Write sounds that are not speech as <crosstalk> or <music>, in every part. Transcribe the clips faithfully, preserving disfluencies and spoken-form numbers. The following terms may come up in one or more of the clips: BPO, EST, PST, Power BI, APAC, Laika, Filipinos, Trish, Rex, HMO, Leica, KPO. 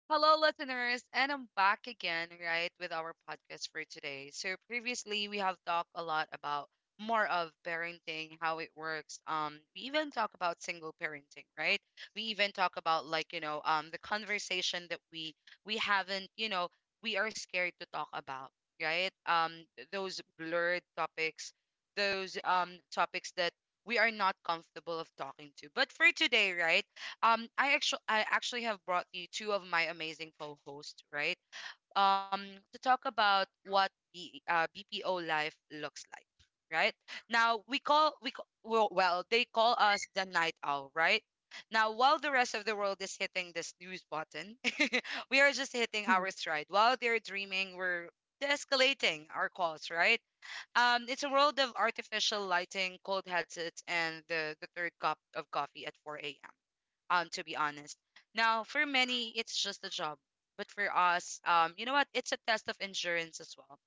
Hello, listeners, and I'm back again, right, with our podcast for today. So, previously, we have talked a lot about more of parenting, how it works. Um, we even talk about single parenting, right? We even talk about like you know, um, the conversation that we we haven't, you know, we are scared to talk about, right? Um, th- those blurred topics, those um topics that we are not comfortable of talking to. But for today, right? Um, I actually I actually have brought you two of my amazing co-hosts, right? Um, to talk about what B, uh, B P O life looks like, right? Now we call we call, well, well they call us the night owl, right? Now while the rest of the world is hitting the snooze button, <laughs> we are just hitting our <laughs> stride. While they're dreaming, we're escalating our calls, right? Um, it's a world of artificial lighting, cold headsets, and the, the third cup of coffee at four a m, um to be honest. Now, for many, it's just a job. But for us, um, you know what? It's a test of endurance as well.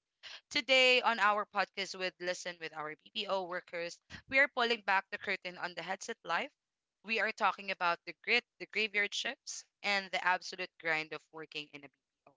Today on our podcast with Listen with our B P O workers, we are pulling back the curtain on the headset life. We are talking about the grit, the graveyard shifts, and the absolute grind of working in a B P O.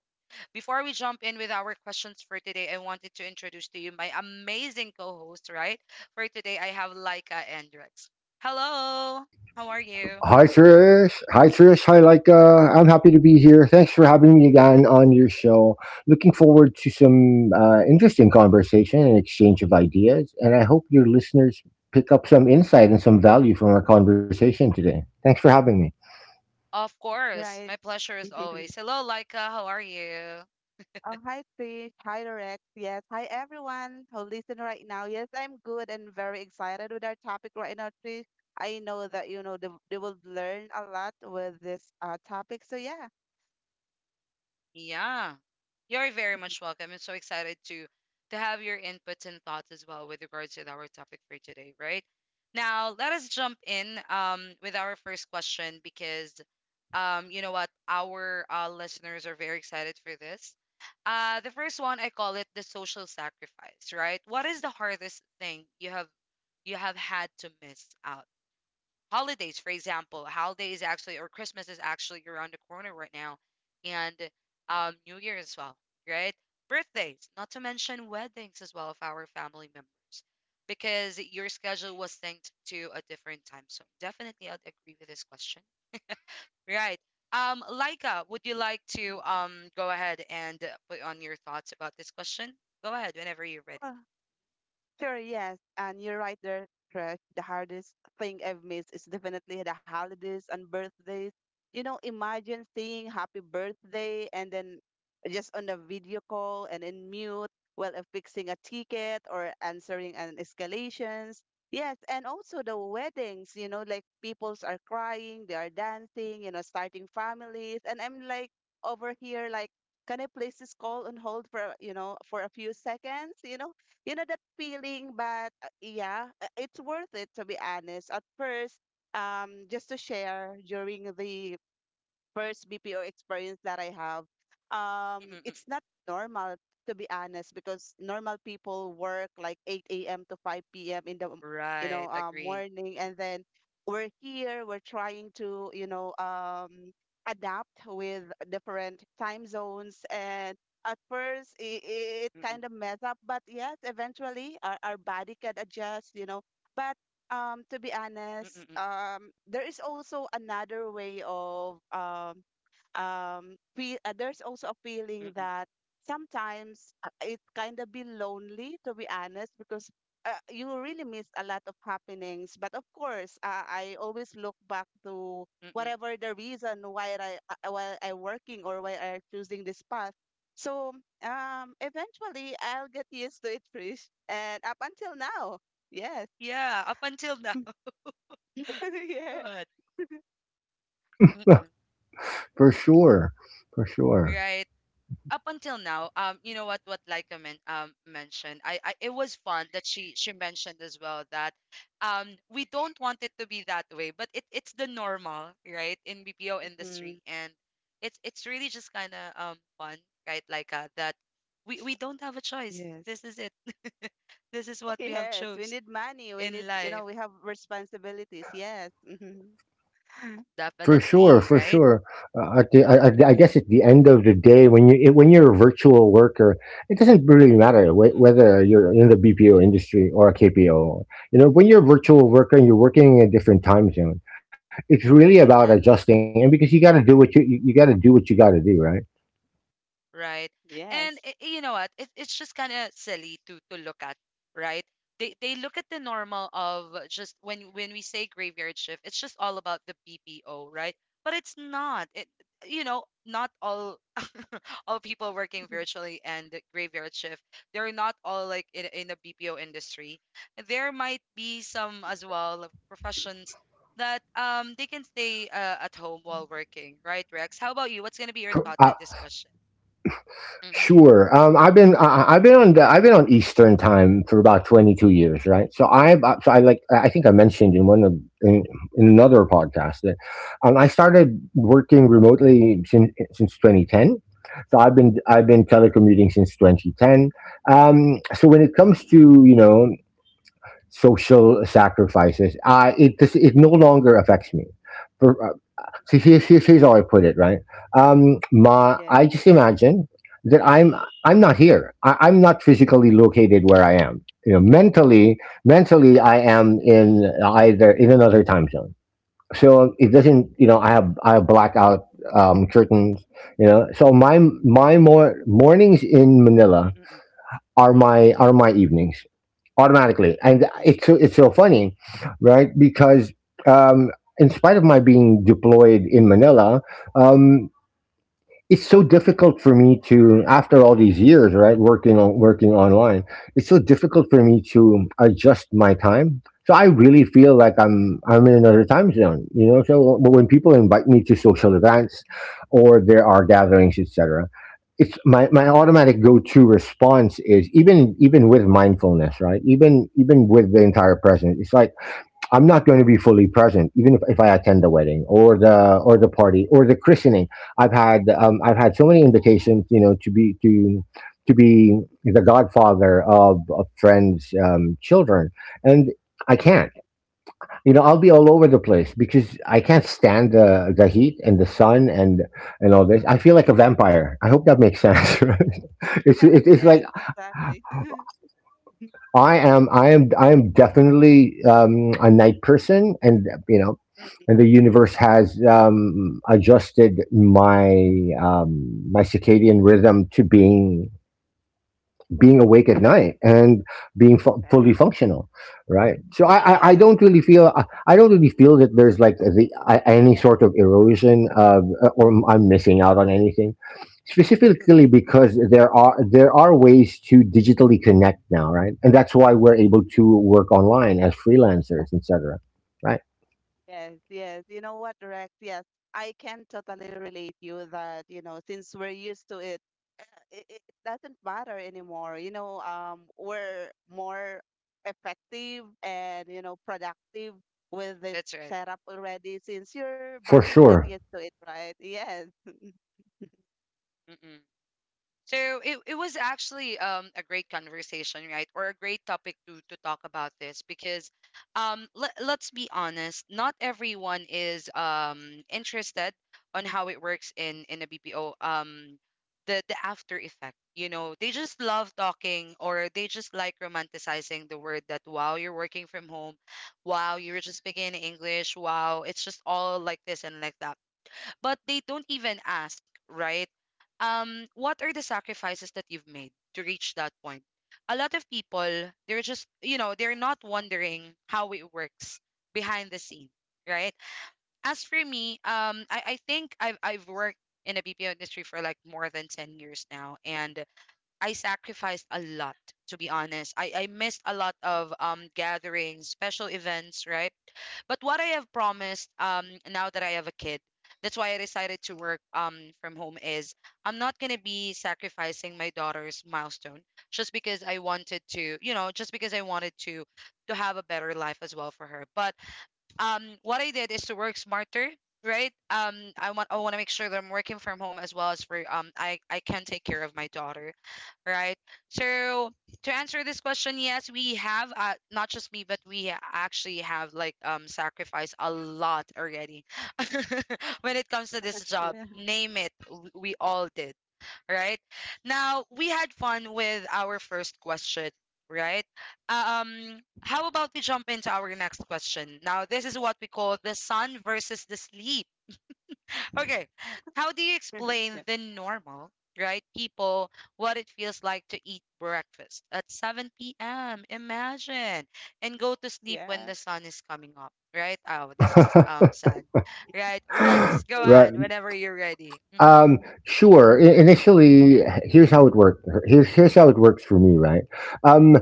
Before we jump in with our questions for today, I wanted to introduce to you my amazing co-host, right? For today, I have Laika and Rex. Hello, how are you? Hi, Trish. Hi, Trish. Hi, Leica. I'm happy to be here. Thanks for having me again on your show. Looking forward to some uh, interesting conversation and exchange of ideas. And I hope your listeners pick up some insight and some value from our conversation today. Thanks for having me. Of course. Right. My pleasure is <laughs> always. Hello, Laika. How are you? Oh, hi, Trish. Hi, Rex. Yes. Hi, everyone who listen right now. Yes, I'm good and very excited with our topic right now, Trish. I know that, you know, they, they will learn a lot with this uh, topic. So, yeah. Yeah. You're very much welcome. I'm so excited to to have your inputs and thoughts as well with regards to our topic for today, right? Now, let us jump in um, with our first question because um, you know what? Our uh, listeners are very excited for this. Uh, the first one I call it the social sacrifice, right? What is the hardest thing you have you have had to miss out? Holidays, for example, holidays actually, or Christmas is actually around the corner right now, and um, New Year as well, right? Birthdays, not to mention weddings as well of our family members, because your schedule was synced to a different time zone. Definitely, I'd agree with this question, right? Um, Laika, would you like to um go ahead and uh, put on your thoughts about this question? Go ahead whenever you're ready. Sure, yes. And you're right there, Crash. The hardest thing I've missed is definitely the holidays and birthdays. You know, imagine saying happy birthday and then just on a video call and in mute while uh, fixing a ticket or answering an escalations. Yes, and also the weddings, you know, like peoples are crying, they are dancing, you know, starting families. And I'm like over here like, can I place this call on hold for, you know, for a few seconds? You know, you know that feeling but uh, yeah uh, it's worth it to be honest at first um just to share during the first B P O experience that I have, um, it's Mm-mm-mm. not normal to be honest because normal people work like eight a m to five p m in the m- you know Right, uh, agree. morning, and then we're here, we're trying to you know um, adapt with different time zones and. At first, it, it kind of Mm-mm. mess up, but yes, eventually our, our body can adjust, you know. But um to be honest Mm-mm-mm. um there is also another way of um um fe- uh, there's also a Mm-mm. feeling that sometimes uh, it kind of be lonely to be honest because uh, you really miss a lot of happenings but of course uh, I always look back to Mm-mm. whatever the reason why i uh, why i working or why I choosing this path so um eventually I'll get used to it, Trish, and up until now yes. Yeah, up until now. <laughs> <laughs> Yes. God. Mm-mm. For sure. For sure. Right. Up until now, um, you know what what Laika men um mentioned. I, I it was fun that she she mentioned as well that um we don't want it to be that way, but it it's the normal, right, in B P O Mm. industry. And it's it's really just kinda um fun, right, Laika, that we, we don't have a choice. Yes. This is it. <laughs> This is <laughs> what we have Yes, we chose need money. We need, in you know, life. we have responsibilities. Yes. Mhm. <laughs> For sure, Definitely, for right? sure. Uh, at the, I, I I Mhm. Mm-mm, guess at the end of the day, when you it, when you're a virtual worker, it doesn't really matter wh- mm-mm, whether you're in the B P O mm-mm, industry or a K P O. You know, when Mhm. you're a virtual mm-mm. worker and you're working in a different time zone, it's really about Mhm. adjusting. Definitely, And because you got to do what you you got to do what you got to do, right? right? And Yes. i- you know what? It, it's just kind of silly to to look at, right? They they look at the normal of just when when we say graveyard shift, it's just all about the B P O, right? But it's not. It You know, not all <laughs> all people working <laughs> virtually and the graveyard shift, they're not all like in, in the BPO industry. There might be some as well of professions that um they can stay uh, at home while working, right? Rex, how about you? What's going to be your thought on this question? Mhm. Sure. Um, I've been I, I- have been on the, I've been on Eastern time for about twenty-two years, right? So I've uh, so I like I I think I mentioned in one of in, in another podcast that um, I started working remotely since since twenty ten. So I've been I've been telecommuting since twenty ten. Um, so when it comes to, you know, social sacrifices, I it this, it no longer affects me. So here, here- here's how I put it, right? Um, my, Yes. I just imagine that I'm I'm not here. I, I'm not physically located where I am. You know, mentally, mentally, I am in either in another time zone. So it Mm-mm. doesn't, you know, I have I have blackout um, curtains. You know, so my my more mornings in Mm, Manila mm. are my are my evenings automatically. And Mm-mm. it's so- it's so funny, right? Because um, in spite of my being deployed in Manila, um, it's so difficult for me to, after all these years, right, working on, working online, it's so difficult for me to adjust my time. So I really feel like i'm I'm in another time zone, you know. So but when people invite me to social events or there are gatherings, etc., it's my, my automatic go-to response is, even, even with mindfulness, right, even, even with the entire present, it's like I'm not going to be fully present, even if, if I attend the wedding or the or the party or the christening. I've had um, I've had so many invitations, you know, to be to to be the godfather of, of friends' um, children, and I can't. You know, I'll be all over the place because I can't stand the the heat and the sun and and all this. I feel like a vampire. I hope that makes sense. <laughs> Right? <laughs> It's it, Yes, It's like yes, exactly. <laughs> I am I am I am definitely um, a night person, and you know, Mm. and the universe has um, adjusted my um, my circadian rhythm to being being awake at night and being fu- fully functional, right? So I, I i Yeah. don't really feel, i, I don't really feel that there's like the I, any sort of erosion uh, or I'm missing out on anything specifically, Yes. because there are there are ways to digitally connect now, right? And that's why we're able to work online as freelancers, etc., right? Yes, yes. You know what, Rex? Yes, I can totally relate you that, you know, since we're used to it, uh, it, it doesn't matter anymore. You know, um, we're more effective and, you know, productive with this That's right. setup already since your For body got sure. used to it, right? Yes. Mm. So it, it was actually um, a great conversation, right? Or a great topic to, to talk about this because um, let, let's be honest, not everyone is um, interested on how it works in, in a B P O, um, the, the after effect. You know, they just love talking or they just like romanticizing the word that wow, you're working from home, wow, you're just speaking in English, wow, it's just all like this and like that. But they don't even ask, right? Um what are the sacrifices that you've made to reach that point? A lot of people, they're just you know they're not wondering how it works behind the scene, right? As for me, um i, I think i've i've worked in a BPO industry for like more than ten years now, and I sacrificed a lot, to be honest. I, I missed a lot of um gatherings, special events, right? But what I have promised um now that I have a kid, that's why I decided to work um from home, is I'm not gonna be sacrificing my daughter's milestone just because I wanted to, you know, just because I wanted to to have a better life as well for her. But um what I did is to work smarter, right? Um I want I want to make sure that I'm working from home as well, as for um I I can take care of my daughter, right? So to answer this question, yes, we have uh, not just me, but we a- actually have like um sacrificed a lot already <laughs> when it comes to this job. Yeah. Name it, w- we all did, right? Now, we had fun with our first question, right? Um, how about we jump into our next question? Now, this is what we call the sun versus the sleep. Okay, how do you explain the <laughs> normal, right, people what it feels like to eat breakfast at seven p m? Imagine and go to sleep when Yeah. the sun is coming up, right? Oh, this <laughs> is um sad, right? Rex, go Right. ahead whenever you're ready. Mm-hmm. Um, sure. I- initially, here's how it worked. Here's here's how it works for me, right? Um,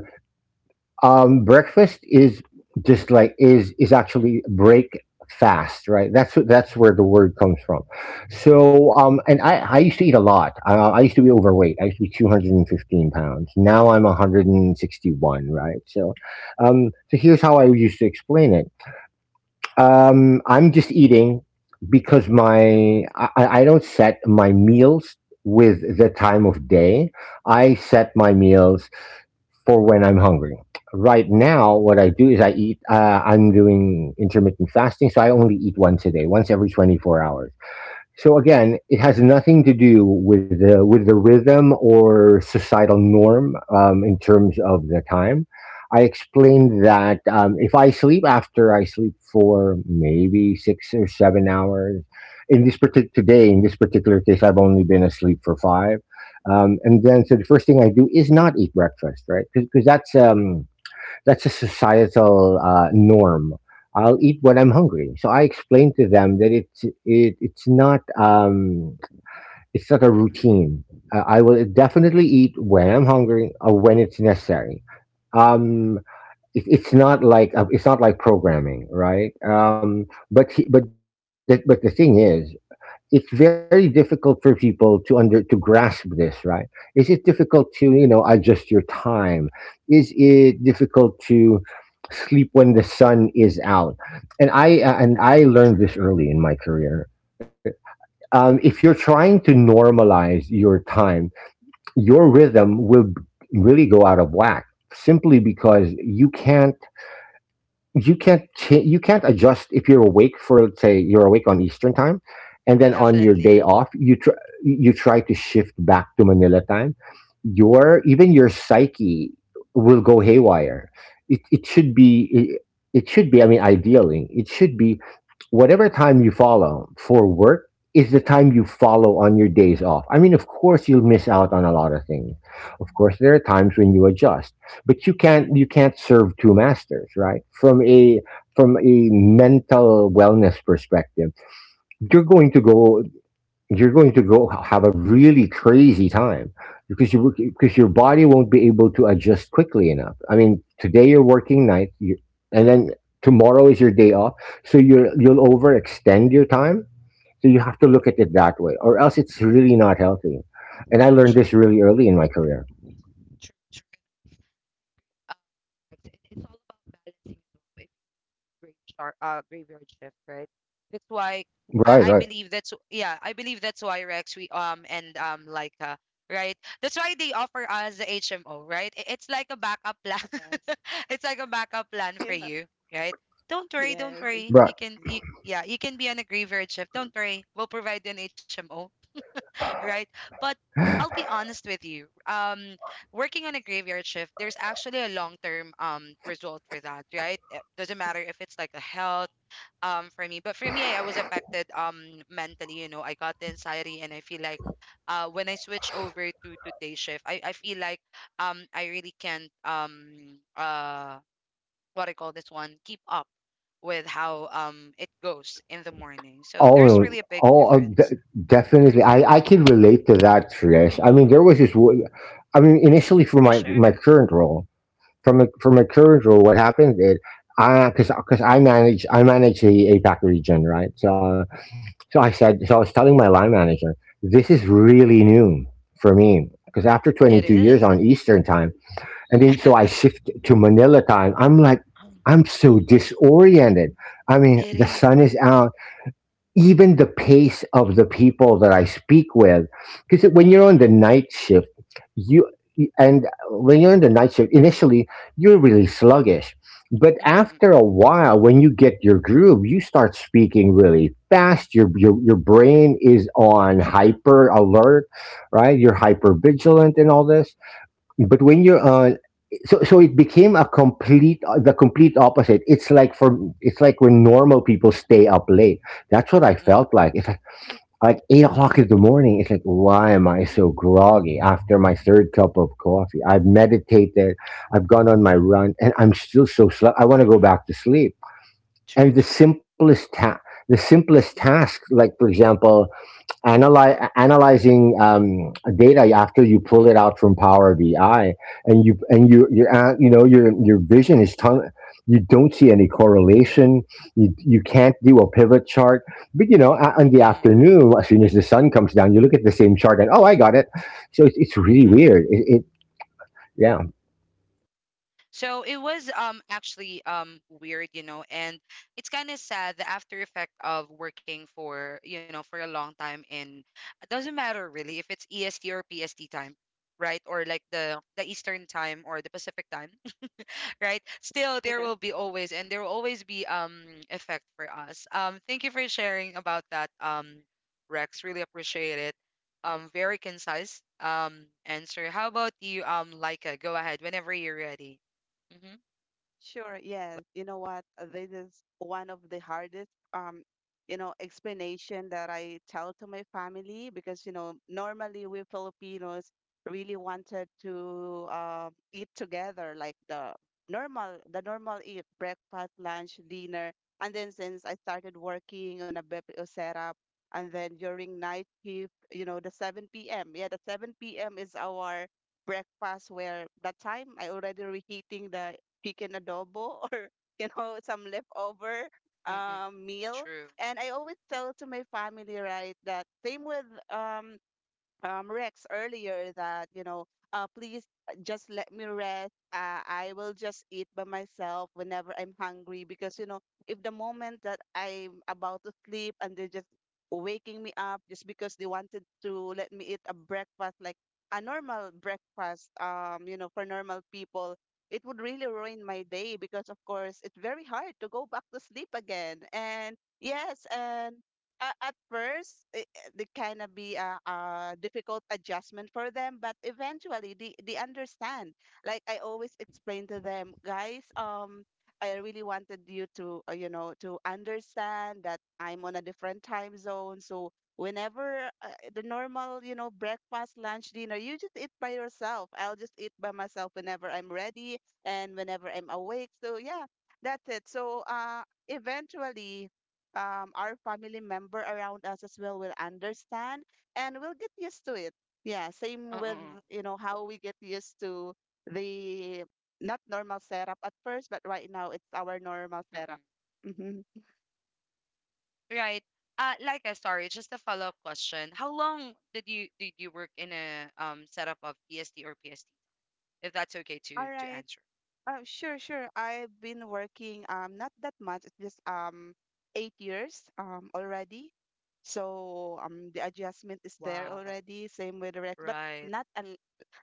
um, Breakfast is just like is is actually break fast, right? That's wh- that's where the word comes from. So, um, and I I used to eat a lot. I, I used to be overweight. I used to be two hundred and fifteen pounds. Now I'm one hundred and sixty one, right? So, um, so here's how I used to explain it. Um, I'm just eating because my I, I I don't set my meals with the time of day. I set my meals for when I'm hungry. Right now, what I do is I eat. Uh, I'm doing intermittent fasting, so I only eat once a day, once every twenty-four hours. So again, it has nothing to do with the with the rhythm or societal norm um, in terms of the time. I explained that um, if I sleep after I sleep for maybe six or seven hours. In this particular today, in this particular case, I've only been asleep for five, um, and then so the first thing I do is not eat breakfast, right? Because that's um, that's a societal uh, norm. I'll eat when I'm hungry. So I explained to them that it's it, it's not um, it's not a Mm-mm. routine. Uh, I will definitely eat when I'm hungry or when it's necessary. Um, it, it's not like uh, it's not like programming, right? Um, but he, but the, but the thing is, it's very difficult for people to under to grasp this, right? Is it difficult to, you know, adjust your time? Is it difficult to sleep when the sun is out? And I uh, and I learned this True. early in my career. Um, if you're trying to normalize your time, your rhythm will b- really go out of whack, simply because you can't, you can't cha- you can't adjust if you're awake for, let's say you're awake on Eastern time, and then on your Definitely. day off you tr- you try to shift back to Manila time. Your, even your psyche will go haywire. It it should be it, it should be, I mean, ideally it should be whatever time you follow for work is the time you follow on your days off. I mean, of course, you'll miss out on a lot of things. Of course, there are times when you adjust, but you can't you can't serve two masters, right? From a, from a mental wellness perspective, you're going to go you're going to go have a really crazy time, because you because your body won't be able to adjust quickly enough. I mean, today you're working night, you, and then tomorrow is your day off, so you're you'll overextend your time, so you have to look at it that way, or else it's really not healthy. And I learned True, this really early in my career, true, true. Um, it's, it's all about balancing as well. If graveyard, uh, graveyard shift, right? That's why right, I, I right, believe that's yeah, I believe that's why Rex we um and um Leica, right? That's why they offer us the H M O, right? I- It's like a backup plan. Yes. <laughs> It's like a backup plan Yeah. for Yes. <laughs> you, right? Don't worry, don't Yes, worry. right. You can exactly. you yeah, you can be on a graveyard shift. Don't worry. We'll provide you an H M O, right? But I'll be honest with you. Um, working on a graveyard shift, there's actually a long-term um result for that, right? It doesn't matter if it's like a health um for me, but for me, I was affected um mentally. You know, I got the anxiety, and I feel like uh when I switch over to to day shift, I I feel like um I really can't um uh what I call this one keep up with how um it goes in the morning. So there's Oh, really a big oh, uh, difference. de- Mm, definitely. mm, I I can relate to that, Trish. mm, I mean, mm, there was this. One- I mean, initially for for my my sure. current role, from my, from my current role, what happened is I because because I manage I manage the A pac region, right? So so I said so I was telling my line manager, this is really new for me because after It twenty-two years is. on Eastern time, and then so I <laughs> shift to Manila time. I'm like, I'm so disoriented. I mean, It the is. sun is out, even the pace of the people that I speak with, because when you're on the Mm-mm. night shift, you and when you're on the night shift, initially you're really sluggish, but Mm-mm, after mm. a while, when you get your groove, you start speaking really fast. Your your your brain is on True. hyper alert, right? You're hyper vigilant and all this. But when you're uh so so it became a complete uh, the complete opposite. It's like for it's like when normal people stay up late, that's what I felt Mm-mm. like. It's like like eight o'clock in the morning, it's like, why am I so groggy? After my third cup of coffee, I've meditated, I've gone on my run, and I'm still so slow. I want to go back to Mm-mm. sleep. And the True, true. simplest ta- the simplest task, Mm-mm. like for example, analyze, analyzing um, data after you Mm-mm. pull it out from Power B I, and you and you you uh, you know, your your vision is ton. You don't see any Mm-mm. correlation. You you can't do a pivot chart. But you know, a- in the Mm-mm. afternoon, as soon as the sun comes down, you look at the same chart and, oh, I got it. So it's, it's really Mm-mm. Mm. weird. It, it yeah. So it was um actually um weird, you know, and it's kind of sad, the after effect of working for, you know, for a long time in it doesn't matter really if it's E S T or P S T time, right? Or like the the Eastern time or the Pacific time. Right, still there will be always and there will always be um effect for us. Um thank you for sharing about that, um Rex. Really appreciate it. Um very concise um answer. How about you, um Laika? Go ahead whenever you're ready. Mm-hmm. Sure, yes. You know what? uh, This is one of the hardest um, you know, explanation that I tell to my family because, you know, normally we Filipinos really wanted to uh, eat together, like the normal the normal eat, breakfast, lunch, dinner. And then since I started working on a B P O setup and then during night shift, you know, the seven p m. Yeah, the seven p m is our breakfast where that time I already reheating the chicken adobo or <laughs> you know some leftover Mm-mm. um, meal. True. And I always tell to my family, right, that same with um, um, Rex earlier that, you know, uh, please just let me rest. Uh, I will just eat by myself whenever I'm hungry because, you know, if the moment that I'm about to sleep and they're just waking me up just because they wanted to let me eat a breakfast, like a normal breakfast, um, you know, for normal people, it would really ruin my day because, of course, it's very hard to go back to sleep again. And yes, and a- at first it, it kind of be a, a difficult adjustment for them but eventually they, they understand like I always explain to them, guys, um I really wanted you to uh, you know, to understand that I'm on a different time zone, so whenever uh, the normal, you know, breakfast, lunch, dinner, you just eat by yourself. I'll just eat by myself whenever I'm ready and whenever I'm awake. So yeah, that's it. So uh eventually um, our family member around us as well will understand, and we'll get used to it. Yeah, same with, Uh-uh. you know, how we get used to the not normal setup at first, but right now it's our normal setup. Mm-mm. Mm-hmm. Right. uh Laika, sorry, just a follow-up question. How long did you did you work in a um setup of psd or pst, if that's okay All to to right. answer? Uh, sure, sure. I've been working um not that much, it's just um eight years um already. So um the adjustment is there Wow. already. Same with Rex, but Right. not un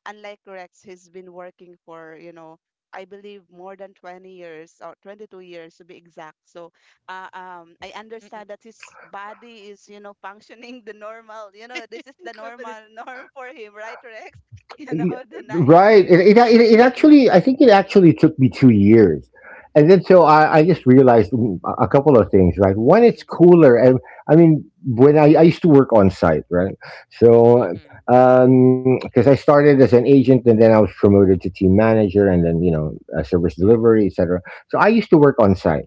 unlike Rex, he's been working for, you know, I believe more than twenty years or twenty-two years to be exact. So uh, um I understand that his body is, you know, functioning <laughs> the normal, you know, this is <laughs> the Definitely. normal <laughs> norm for him, right, Rex? <laughs> You know, Y- the night Right. It, shift. It, it, it actually, I think it actually took me two years. And then so I, I just <laughs> realized, mm, a a couple of things, right? One, it's Mm-mm, cooler. And I mean, when I, I used to work on site, right? So, mm-mm, because I started as an agent and then I was promoted to team manager and then, you know, uh, service delivery, et cetera. So I used to work on site.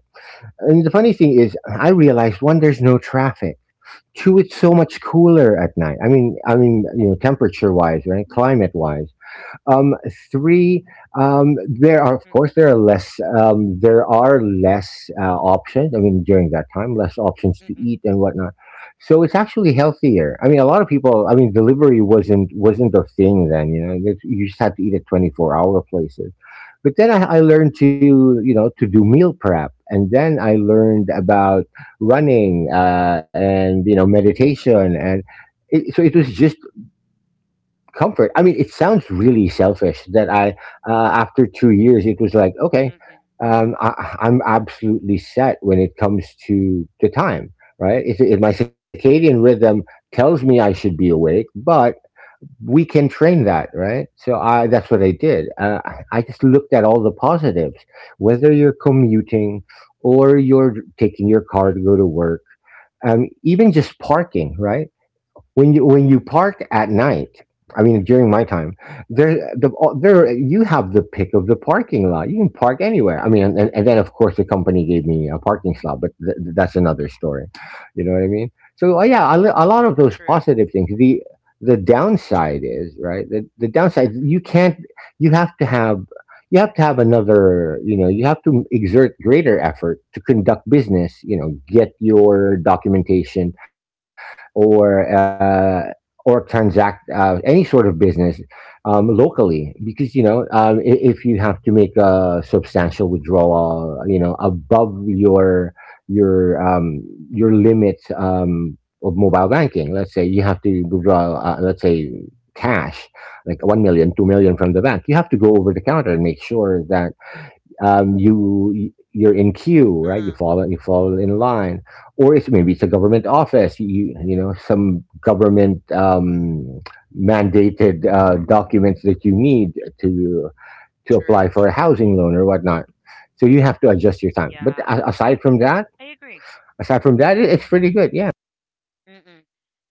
And the funny thing is, I realized one, there's no traffic. Two, it's so much cooler at night. I mean, I mean, you know, temperature wise, right? Climate wise. Um, Three, um, there are, of mm, course there are less, um, there are less uh, options. I mean, during that time, less options to mm-mm, eat and whatnot. So it's actually healthier. I mean, a lot of people. I mean, delivery wasn't wasn't a thing then. You know, That- you just had to eat at twenty four hour places. But then I, I learned to you know to do meal prep, and then I learned about running uh, and you know meditation and it, so it was just comfort. I mean, it sounds really selfish that I, uh, after two years, it was like, okay, mm-mm, um, I, I'm absolutely set when it comes to the time, right? If, if my circadian rhythm tells me I should be awake, but we can train that, right? So I, that's what I did. Uh, I I just looked at all the positives, whether you're commuting or you're taking your mm-mm, car to go to work, um, even just parking, right? when you when you park at night. I mm-mm. mean, during my time, there the there you have the pick of the parking lot. You can park anywhere, I mean, and, and then of course the company gave me a parking slot, but th- th- that's another story, you know what I mean. So uh, yeah, a, li- a lot of those True, positive things. The the true. downside is, right, the, the downside, Mm-mm, you can't. You have to have you have to have another, you know, you have to exert greater effort to conduct business, you know, mm-mm. get your documentation or uh, or transact uh, any sort of business um, locally, because you know, um, i- if you have to make a substantial withdrawal, you know, above your your um, your limit, um, of mobile banking. Let's say you have to withdraw uh, let's say cash, like one million, two million from the bank, you have to go over the counter and make sure that um, you you're in queue, right? You Uh, follow you follow in line, or it's maybe it's a government office. You you know, some government um, mandated uh, documents that you need to to true, apply for true. a housing loan or whatnot. So you have to adjust your time. But Yeah, a- aside from that, I agree. aside from that, it- it's pretty good. Yeah, Mm-mm.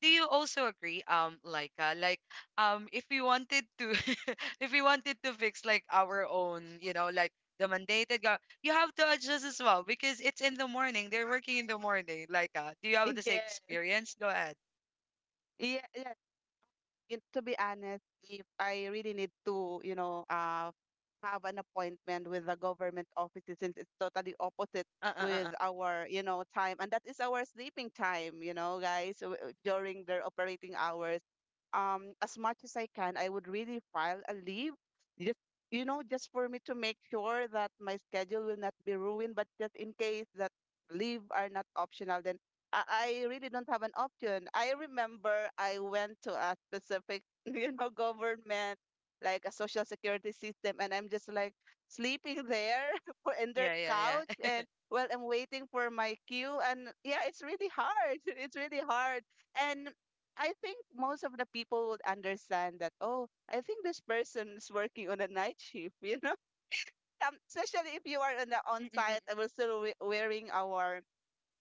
Do you also agree, um, like, uh, like, um, if we wanted to, <laughs> if we wanted to fix like our own, you know, like the mandated go, you have to adjust as well because it's in the morning. They're working in the morning. Like, uh, do you have the same Yeah, experience? Go ahead. yeah, yeah. it, to be honest, if I really need to, you know, uh, have an appointment with the government offices since it's totally opposite Uh, uh, uh, uh. with our, you know, time. And that is our sleeping time, you know, guys, w- w- during their operating hours. Um, as much as I can, I would really file a leave just, you know, just for me to make sure that my schedule will not be ruined. But just in case that leave are not optional, then I, I really don't have an option. I remember I went to a specific, <laughs> you know, government, like a social security system, and I'm just like sleeping there <laughs> for in their Yeah, yeah, couch yeah. <laughs> and well, I'm waiting for my queue. And yeah, it's really hard. <laughs> It's really hard. And I think most of the people would understand that, oh, I think this person is working on a night shift, <laughs> you know? Um, especially if you are on the Mm, on mm, mm. site and we're still we- wearing our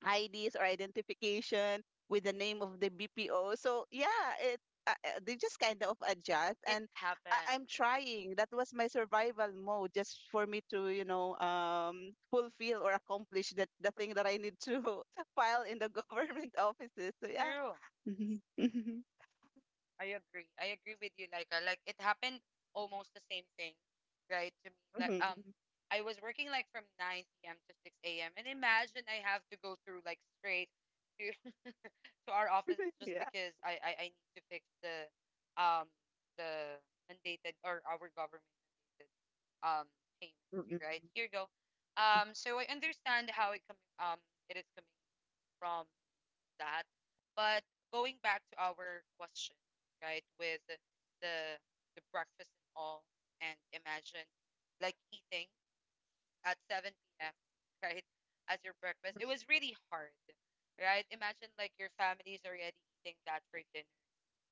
I Ds or identification with the name of the B P O. So yeah, it uh, uh, they just kind of adjust, It and happens. I- I'm trying. That was my survival mode, just for me to you know um fulfill or accomplish that the thing that I need to <laughs> file in the <laughs> government offices. So yeah. True. Mhm. Mhm. I agree. I agree with you, Laika. Like, it happened almost the same thing, right? To me, like um, Mhm. I was working like from nine p m to six a m, and imagine I have to go through like straight to <laughs> to our office <laughs> just Yeah. because I I, I need to fix the um the mandated or our government mandated um payments, Mm-mm. right? Here you go. Um, so I understand how it coming um it is coming from that. But going back to our question, right, with the the breakfast and all, and imagine like eating at seven p m, <laughs> right, as your breakfast. It was really hard, right? Imagine like your family's already eating that for dinner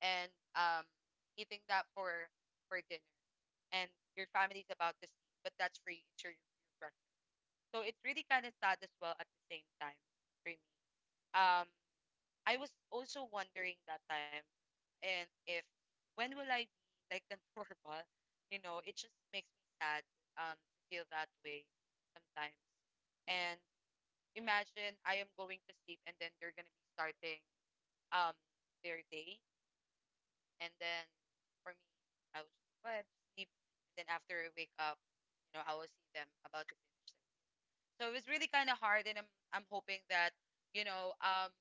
and um eating that for for dinner and your family's about to sleep, but that's for you, it's your, your breakfast. So it's really kind of sad as well at the same time for me. Um I was also wondering that time and if when will I be like the <laughs> normal? You know, it just makes me sad um to feel that way sometimes. And imagine I am going to sleep and then they're gonna be starting um their day and then for me I will just go ahead to sleep and then after I wake up, you know, I will see them about to finish their, so it was really kind of hard and I'm I'm hoping that, you know, um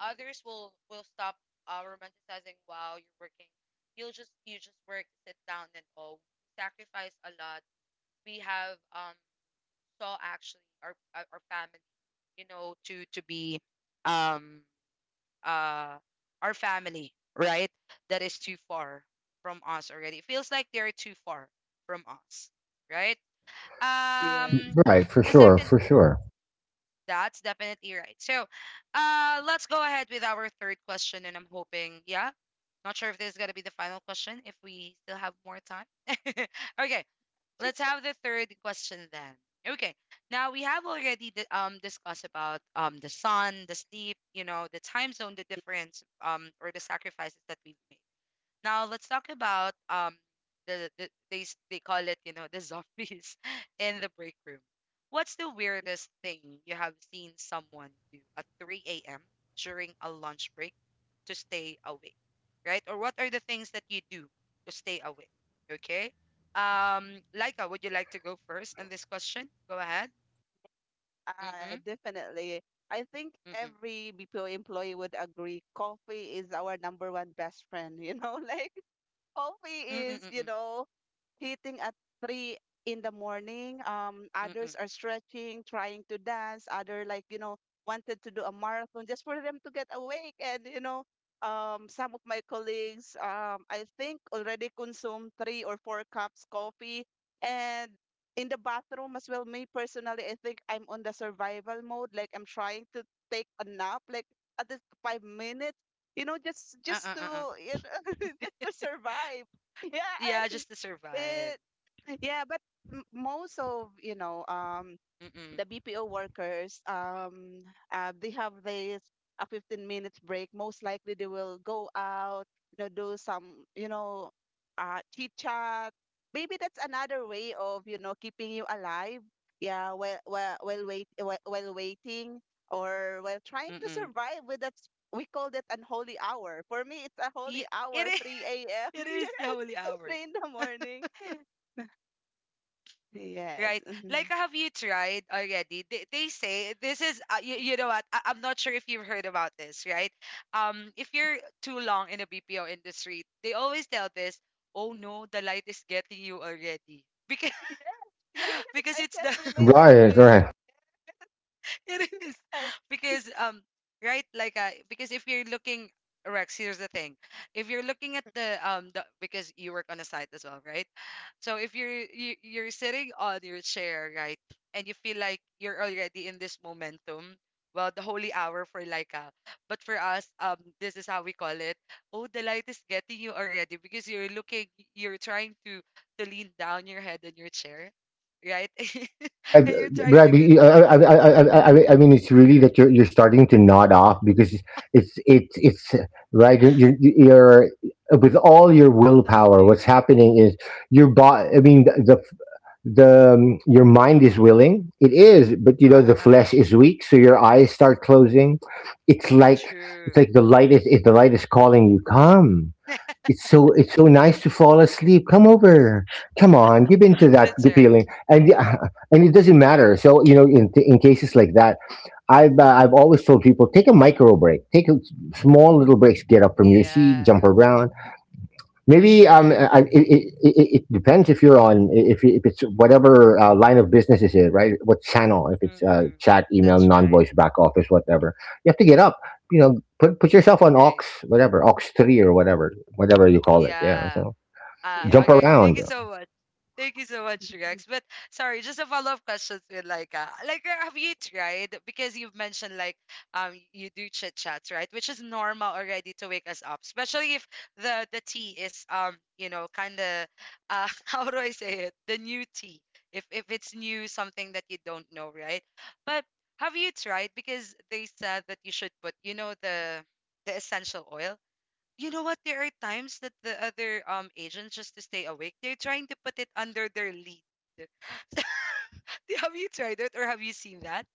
others will will stop uh, romanticizing while you're working. You'll just you just work, sit down, and all. We sacrifice a lot. We have um saw actually our our our family, you know, to to be um uh our family, right? That is too far from us already. It feels like they're too far from us, right? Yeah. Um, right, for the sure, second for sure. that's definitely right. So, uh, let's go ahead with our third question, and I'm hoping, yeah, not sure if this is going to be the final question, if we still have more time. <laughs> Okay, let's Sure. have the third question then. Okay, now we have already di- um discussed about um the sun, the sleep, you know, the time zone, the difference, um, or the sacrifices that we've made. Now let's talk about um the, the they s- they call it, you know, the zombies <laughs> in the break room. What's the weirdest thing you have seen someone do at three a m during a lunch break to stay awake, right? Or what are the things that you do to stay awake? Okay. Um, Laika, would you like to go first on this question? Go ahead. Uh, Mm-mm. definitely. I think Mm-mm. every B P O employee would agree coffee is our number one best friend, you know, <laughs> like Mm-mm. coffee is, Mm-mm. you know, hitting at three in the morning. Um, Mm-mm. others are stretching, trying to dance. Other like, you know, wanted to do a marathon just for them to get awake. And, you know, um, some of my colleagues, um, I think already consumed three or four cups coffee. And in the bathroom as well, me personally, I think I'm on the survival mode. Like I'm trying to take a nap, like at least five minutes, you know, just just Uh-uh. to Uh-uh. you know, <laughs> just to survive. Yeah, Yeah, and just to survive. it, yeah, but m- most of, you know, um, the Mm-mm. B P O workers, um, uh, they have this a fifteen minutes break. Most likely they will go out, you know, do some, you know, uh, chit chat. Maybe that's another way of, you know, keeping you alive. Yeah, while while while wait while, while waiting or while trying to Mm-mm. survive with that. s- We call that an holy hour. For me, it's a Yeah, holy it hour, is. 3 <laughs> a.m. It <laughs> is the yeah, holy three hour, in the morning. right? Yes. Like, Mhm. have you tried already? They, they say this is, uh, you, you know what? I, I'm not sure if you've heard about this, right? Um, if you're too long in the B P O industry, they always tell this, oh no, the light is getting you already. Because, <laughs> Yes. Yes. <laughs> because I it's can the relate it, Right, Trish. right. <laughs> it is And because um right like uh because if you're looking, Rex, here's the thing. If you're looking at the um the, because you work on a site as well, right? So if you're you, you're sitting on your chair, right, and you feel like you're already in this momentum, well, the holy hour for Laika, but for us, um, this is how we call it. Oh, the light is getting you already because you're looking, you're trying to to lean down your head on your chair, right, <laughs> Right, and you're trying right. to get be- I, that I, sleep. I, I, Hmm. I I mean, it's really that you're you're starting to nod off because it's it's it's right. You're, you're you're- with all your Definitely. willpower. What's happening is your body. I mean, the the um, your mind is willing. It is, Uh, but you uh, know uh, the uh. flesh is weak, so your eyes start closing. It's like, True. it's like the light is, if the light is calling you. Come, <laughs> it's so, it's so nice to fall asleep. Come over. Come on, give in to that That's good right. feeling, and uh, and it doesn't matter. Mm-mm. So you know, in in cases like that, I've Mm-mm. uh, I've Mm-mm. always told people take a micro break, take a small little breaks, get up from your seat, Yeah, jump around. for Maybe um, sure. uh, I, it, it, it it depends if you're on, if if it's whatever uh, line of business is it, right? What channel? If it's uh, Mm-mm. chat, email, That's right. non-voice back office, whatever. You have to get up. You know, put put yourself on aux, Agree. whatever, aux three or whatever, whatever you call it. Yeah. Yeah. So Ah, jump yeah. okay. Thank around. you so much. Thank you so much, Rex. <laughs> But sorry, just a follow-up question with Laika. Like, uh, have you tried? Because you've mentioned like um you do chit chats, right? Which is normal already to wake us up, especially if the the tea is um you know kind of uh <laughs> how do I say it? The new tea. If if it's new, something that you don't know, right? But have you tried? Because they said that you should put, you know, the the essential oil. You know what? There are times that the other um agents, just to stay awake, they're trying to put it under their lead. <laughs> Have you tried it or have you seen that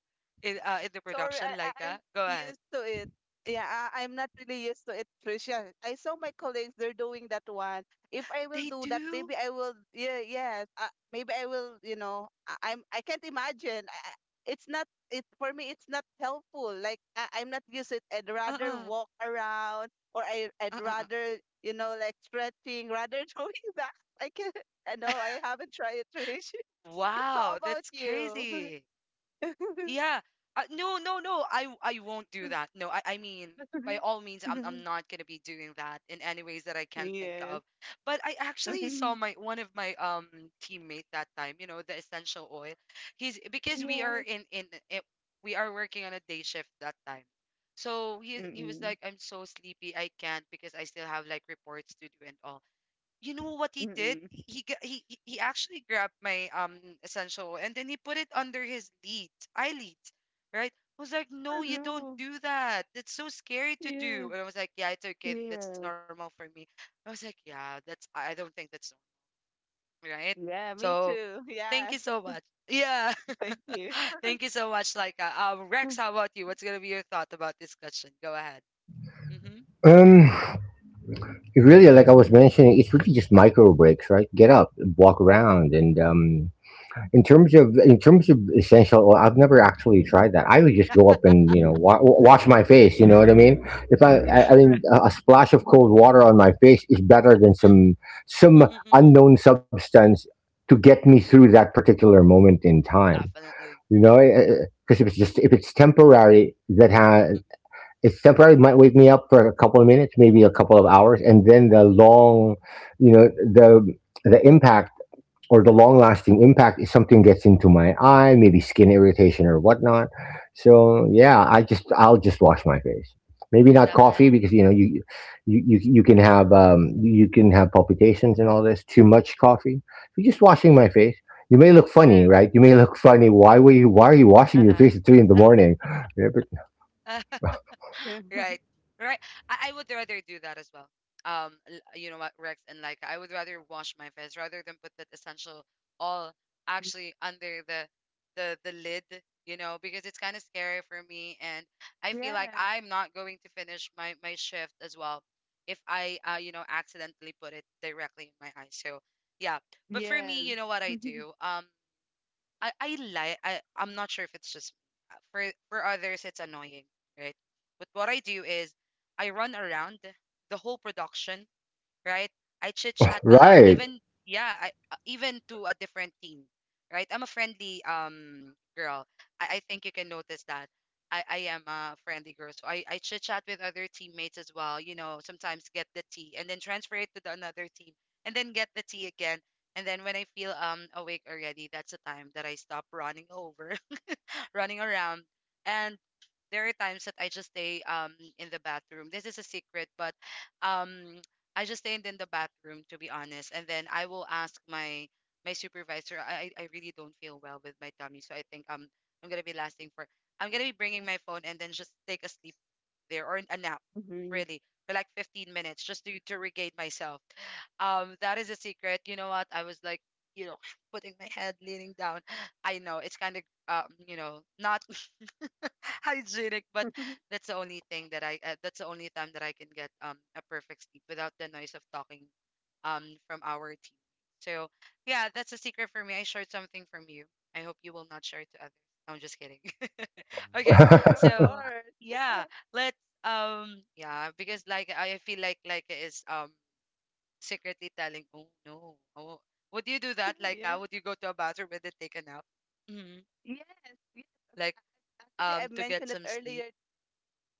in uh in the Sorry, I, production? I I'm Laika, go used ahead. to it. Yeah, I, I'm not really used to it, Tricia. I saw my colleagues; they're doing that one. If I will do They that, maybe do. I will. Yeah, yes. Uh, maybe I will. You know, I, I'm. I can't imagine. I, I- it's not. It for me, it's not helpful. Like I, I'm not used to it. I'd rather Uh walk around, or I, I'd uh-uh, uh. rather, you know, like stretching, rather <laughs> doing that. I can. I know I haven't tried it, Trish. <laughs> How Wow, about that's you? crazy. Yeah. Uh, no, no, no. I w- I won't do that. No, I I mean by all means I'm I'm <laughs> not going to be doing that in any ways that I can think Yes. of. But I actually saw my <laughs> one of my um teammate that time, you know, the essential oil. He's because we are Yes. in in it, we are working on a day shift that time. So he he was Mm-mm. like, I'm so sleepy. I can't because I still have like reports to do and all. You know what he did? Mm-mm. He g- he he he actually grabbed my um essential and then he put it under his lead, eyelids, right? I was like, Oh, no, you don't no. do that. That's so scary to Yeah. do. And I was like, yeah, it's okay. That's Yes. normal for me. I was like, yeah, that's, I I don't think that's normal, right? Yeah, me So too. Yeah. thank you so much. Yeah, <laughs> Thank you. <laughs> thank you so much, Laika. Um, Rex, <laughs> how about you? What's gonna be your thought about this question? Go ahead. Mm-hmm. Um, really, like I was mentioning, it's really just micro breaks, right? Get up, walk around, and um, in terms of, in terms of essential oil, I've never actually tried that. I would just go up and you <laughs> know wa- wash my face. You know what I mean? If I, I I mean, Right. a a splash of cold water on my face is better than some some Mm-mm-mm-mm. unknown substance to get me through that particular moment in time. You Definitely. know, because if it's just, if it's temporary, that ha- it's temporary, it might wake me up for a couple of minutes, maybe a couple of Mm-mm-mm-mm. hours, and then the long, you know, the the impact or the long lasting impact is something gets into my eye, maybe skin irritation or whatnot. So yeah, I just, I'll just wash my face. Maybe not coffee because you Definitely. know you you you, you can have um, you can have palpitations and all this. Too much coffee. So just washing my Mm-mm, face. You may look funny, true. right? You may look funny. Why were you? Why are you washing your face Uh-uh. at three in the morning? Yeah, but. <laughs> Yeah. Right. Right. I, I would rather do that as well. Um, l- you know what, Rex and like, I would rather wash my face rather than put that essential all actually under the the the lid, you know, because it's kind of scary for me and I feel like Yes. I'm not going to finish my my shift as well if I uh you know accidentally put it directly in my eye. So, yeah. But for Yes. me, you know <laughs> what I Mhm. do? Um, I I like, I I'm not sure if it's just me. Uh, for for others it's annoying, right? But what I do is I run around the whole production, right? I chit chat a lot, Right. even yeah, I uh, even to a different team, right? I'm a friendly um girl. I, I think you can notice that. I, I am a friendly girl. So I, I chit chat with other teammates as well, you know, sometimes get the tea and then transfer it to the another team and then get the tea again. And then when I feel um awake already, that's the time that I stop running over running around. And there are times that I just stay um in the bathroom. This is a secret, but um I just stayed in the bathroom to be honest, and then I will ask my my supervisor. I I I really don't feel well with my tummy, so I think um I'm gonna be lasting for. I'm gonna be bringing my phone and then just take a sleep there or a nap, really, for like fifteen minutes just to to regain myself. Um, that is a secret. You know what? I was like, you know, <sighs> putting my head leaning down. I know it's kind of um, you know, not <laughs> hygienic, but <laughs> that's the only thing that I uh, that's the only time that I can get um a perfect sleep without the noise of talking um from our team. So yeah, that's a secret for me. I shared something from you. I hope you will not share it to others. No, I'm just kidding. <laughs> Okay, Yes, of <laughs> so course. yeah, <laughs> let's um yeah because like I feel like like is um secretly telling oh no oh would you do that like uh, Yes. would you go to a bathroom and then take a nap hmm Yes. Yes. like Actually, I um to get mentioned it some sleep. earlier.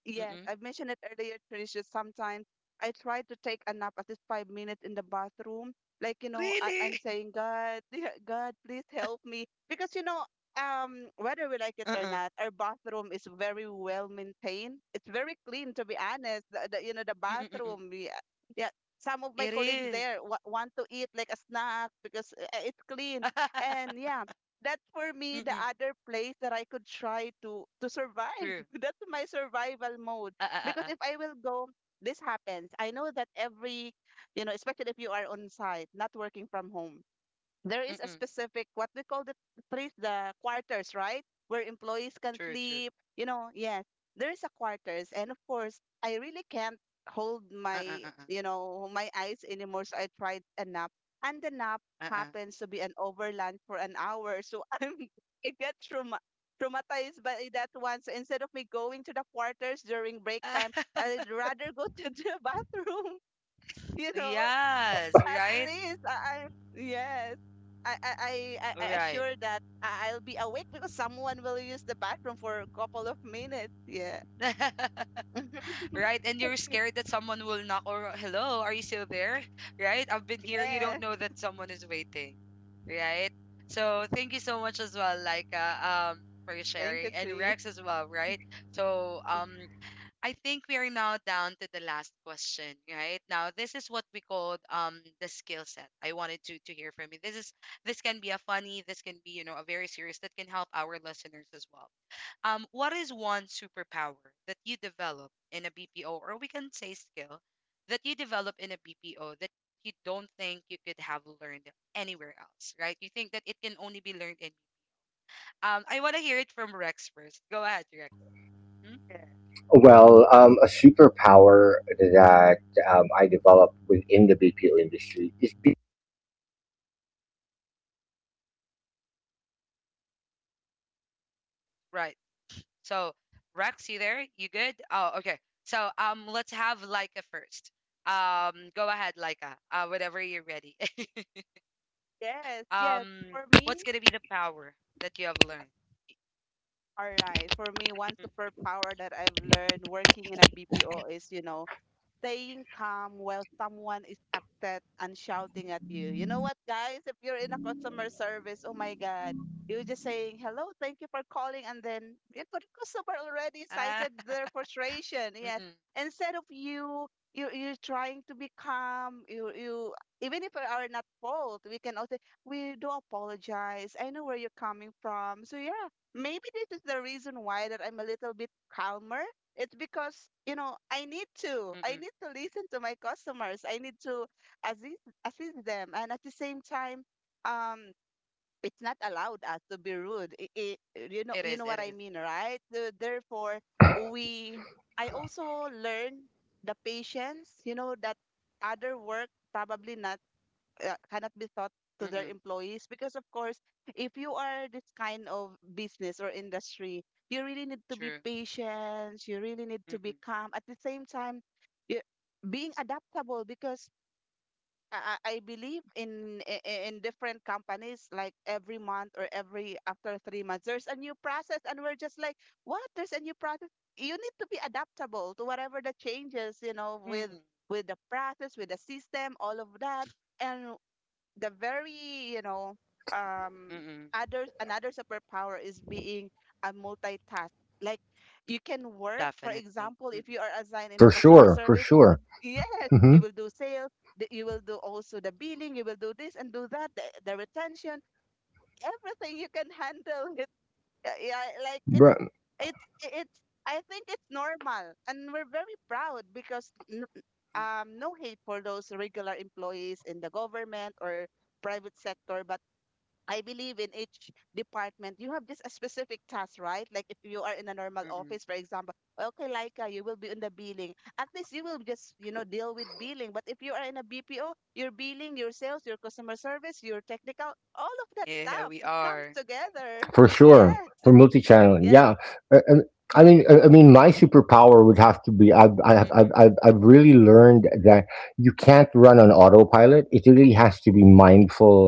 Yes, I mentioned it earlier, Tricia. Sometimes I try to take a nap at least five minutes in the bathroom. Like, you know, I, I'm Really? <laughs> saying, God, <laughs> God, please help me. Because, you know, um, whether we like it Uh or Oo. not, our bathroom is very well maintained. It's very clean, to be honest. The, the you know, the Mm, mm. bathroom. Yeah, yeah. Some of It my colleagues is. there wa- want to eat like a snack because uh, it's clean. <laughs> And yeah, that for me the Mm, other place that I could try to to survive. true. <laughs> That's my survival mode. Uh uh Because uh. if I will go, this happens. I know that every, you know, especially if you are on site, not working from home, there Uh is a Mm, specific what we call the place, the quarters, right, where employees can true, true. sleep, you know. Yes, there is a quarters, and of course I really can't hold Uh uh my uh. you know my eyes anymore, so I tried a nap, and the nap Uh uh. happens to be an overland for an hour, so <laughs> i'm I get trauma traumatized by that one. So instead of me going to the quarters during Oo. break time, <laughs> I'd rather go to the <laughs> bathroom, you know, Yes, at right? least I, I yes. I I I I I Right. assure that I- I'll be awake because someone will use the bathroom for a couple of minutes. Yeah. <laughs> <laughs> Right, and you're scared that someone will knock or, "Hello, are you still there?" <laughs> Right? "I've been here." You Yeah. don't know that someone is waiting, right? So thank you so much as well, Laika, um, for Thank sharing, you, and Trish. Rex as well, right? So um, I think we are now down to the last question, right? Now, this is what we called um the skill set. I wanted to to hear from you. This is, this can be a funny, this can be, you know, a very serious that can help our listeners as well. Um, what is one superpower that you develop in a B P O, or we can say skill that you develop in a B P O that you don't think you could have learned anywhere else, right? You think that it can only be learned in um I want to hear it from Rex first. Go ahead, Rex. Hmm? Yeah. Well, um, a superpower that um, I developed within the B P O industry is be- Right, right. So, Rex, you there? You good? Oh, okay. So, um, let's have Laika first. Um, go ahead, Laika. Uh, whenever you're ready. <laughs> Yes, yes. um, For me, what's gonna be the power that you have learned? all right. For me, one Mm, superpower that I've learned working in a B P O is, you know, staying calm while someone is upset and shouting at you. You know what, guys? If you're in a customer service, oh my God, you're just saying, hello, thank you for calling. And then yeah, but the customer already ah, cited their <laughs> frustration. mm-mm, Yes. Instead of you, you, you're trying to be calm. You, you, even if we are not fault, we can also, we do apologize. I know where you're coming from. So yeah, maybe this is the reason why that I'm a little bit calmer. It's because, you know, I need to. mm-mm. I need to listen to my customers. I need to assist assist them. And at the same time, um, it's not allowed us to be rude. I I you know, It you is. know It what I is. mean, right? So therefore, we I also learn the patience, you know, that other work probably not uh, cannot be taught to their Mm-mm. employees, because of course if you are this kind of business or industry, you really need to be True. patient, you really need to be Mm-mm. calm. At the same time, you, being adaptable, because I, I I believe in i- i- in different companies, like every month or every after three months there's a new process, and we're just like, what, there's a new process. You need to be adaptable to whatever the changes, you know, with Mm-mm. with the process, with the system, all of that. And the very, you know, um, Mm-mm. other, another superpower is being a multitask. Like, you can work, for Definitely. example, if Mm-mm. you are assigned in a for customer sure, for service, you sure. will- <laughs> yes, Hmm, you will do sales, th- you will do also the billing, you will do this and do that, the, the retention, everything you can <laughs> handle. Yeah, yeah, like it's it's it's I think it's normal, and we're very proud because n- Mm, um, no hate for those regular employees in the government or private sector, but I believe in each department you have just a specific task, right? Like if you are in a normal mm-mm. office, for example, "Well, okay, Laika, you will be in the billing, at least you will just, you know, deal with billing." But if you are in a B P O, your billing, your sales, your customer service, your technical, all of that Yeah, stuff, we it comes are. together. <laughs> for sure, Yes. for multi-channel, Yes. yeah. Uh, and I mean I I mean my superpower would have to be i've i've i've, Mm-mm. I've I've really learned that you can't run on autopilot. It really has to be mindful,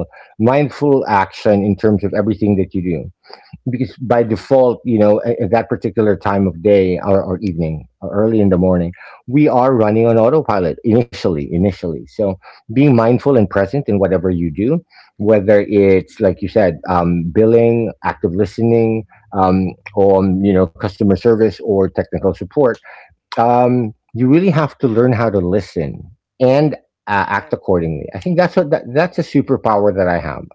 mindful action in terms of everything that you do, because by Hmm. Mm-mm. default, you know, at, at that particular time of day, or, or evening or early in the morning, we are running on autopilot initially, initially. So being mindful and present in whatever you do, whether it's like you said, um, billing, active listening, um, or um, you know, customer service or technical support, um, you really have to learn how to listen and uh, act Yes. accordingly. I think that's what that, that's a superpower that I have.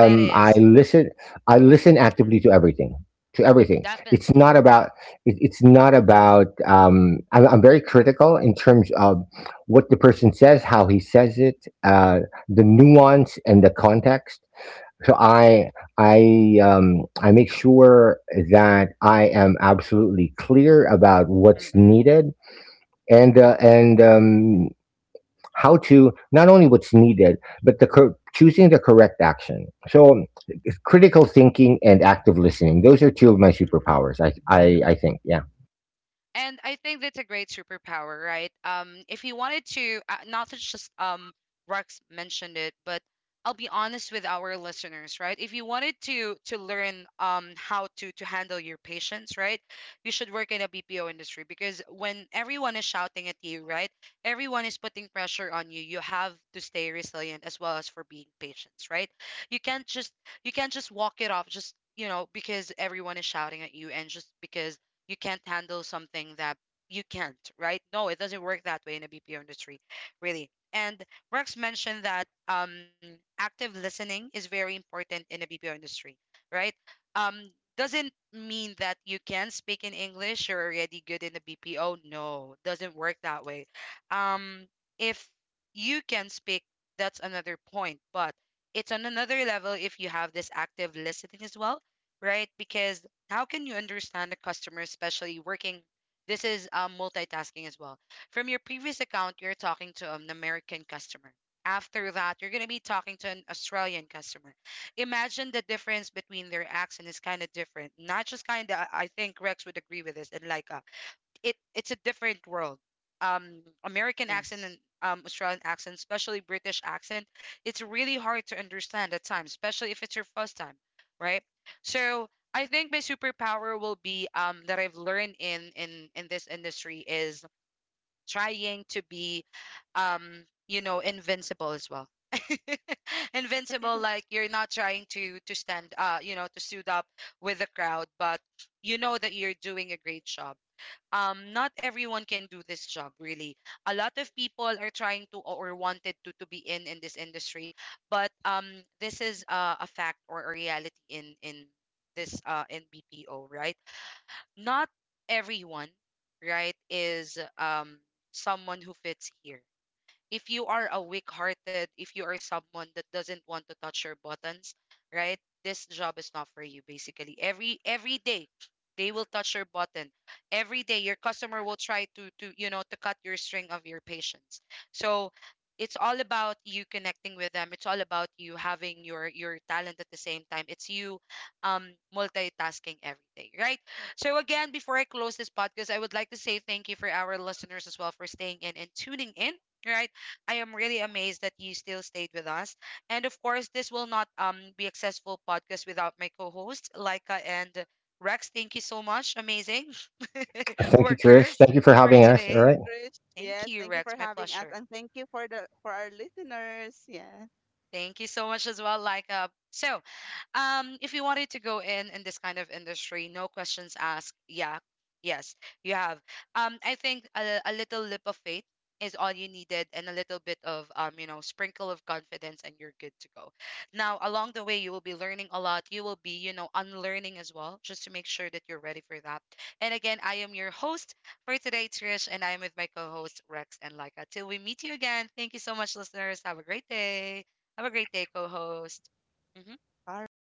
That I is. listen. I listen Mm-mm. actively to everything. To everything. It's Definitely. not about. It, it's not Mm-mm. about. Um, I'm, I'm very critical in terms of what the person says, how he says it, uh, the nuance and the context. So I I um, I make sure that I am absolutely clear about what's Mm-mm. needed and uh, and um, how to, not only what's needed but the cor- choosing the correct action. So um, it's critical Mm-mm. thinking and active listening. Those are two of my Mm-mm. superpowers, I, I i think. Yeah, And I think that's a great superpower, right? Um, if you wanted to, uh, not to just um, Rex mentioned it, but I'll be honest with our listeners, right? If you wanted to to learn um how to to handle your patients, right, you should work in a B P O industry because when everyone is shouting at you, right, everyone is putting pressure on you. You have to stay resilient as well as for being patient, right? You can't just you can't just walk it off, just you know because everyone is shouting at you and just because you can't handle something that you can't, right? No, it doesn't work that way in the B P O industry, really. And Rex mentioned that um, active listening is very important in the B P O industry, right? Um, doesn't mean that you can speak in English, you're already good in the B P O. No, doesn't work that way. Um, if you can speak, that's another point, but it's on another level if you have this active listening as well, right? Because how can you understand a customer, especially working? This is um, multitasking as well. From your previous account, you're talking to an American customer. After that, you're going to be talking to an Australian customer. Imagine the difference between their accent is kind of different. Not just kind of. I think Rex would agree with this, and Laika, it it's a different world. Um, American accent Yes. and um, Australian accent, especially British accent, it's really hard to understand at times, especially if it's your first time, right? So I think my superpower will be, um, that I've learned in in in this industry, is trying to be, um you know invincible as well. <laughs> Invincible, like you're not trying to to stand, uh you know to suit up with the crowd, but you know that you're doing a great job. Um not everyone can do this job, really. A lot of people are trying to or wanted to to be in in this industry, but um this is, uh, a fact or a reality in in this, uh in B P O, right? Not everyone, right, is um someone who fits here. If you are a weak hearted, if you are someone that doesn't want to touch your buttons, right? This job is not for you, basically. Every every day they will touch your button. Every day your customer will try to to you know to cut your string of your patience. So it's all about you connecting with them. It's all about you having your your talent. At the same time, it's you um multitasking every day, right? So again, before I close this podcast, I would like to say thank you for our listeners as well for staying in and tuning in. Right. I am really amazed that you still stayed with us. And of course, this will not um be a successful podcast without my co-hosts, Laika and Rex. Thank you so much, amazing <laughs> thank you, Trish, workers, thank you for for Thank having you, us. All Tr- today. right, Trish. Yes. Thank you, Thank you for Rex. My having us, pleasure. and thank you for the for our listeners. Yeah. Thank you so much as well, Laika. So, um if you wanted to go in in this kind of industry, no questions asked. Yeah, yes, you have, um I think, a, a little lip of faith is all you needed, and a little bit of, um you know sprinkle of confidence, and you're good to go. Now, along the way, you will be learning a lot. You will be, you know, unlearning as well, just to make sure that you're ready for that. And again, I am your host for today, Trish, and I am with my co-host Rex and Laika. Till we meet you again, thank you so much, listeners. Have a great day. Have a great day, co-host. Mhm. All right.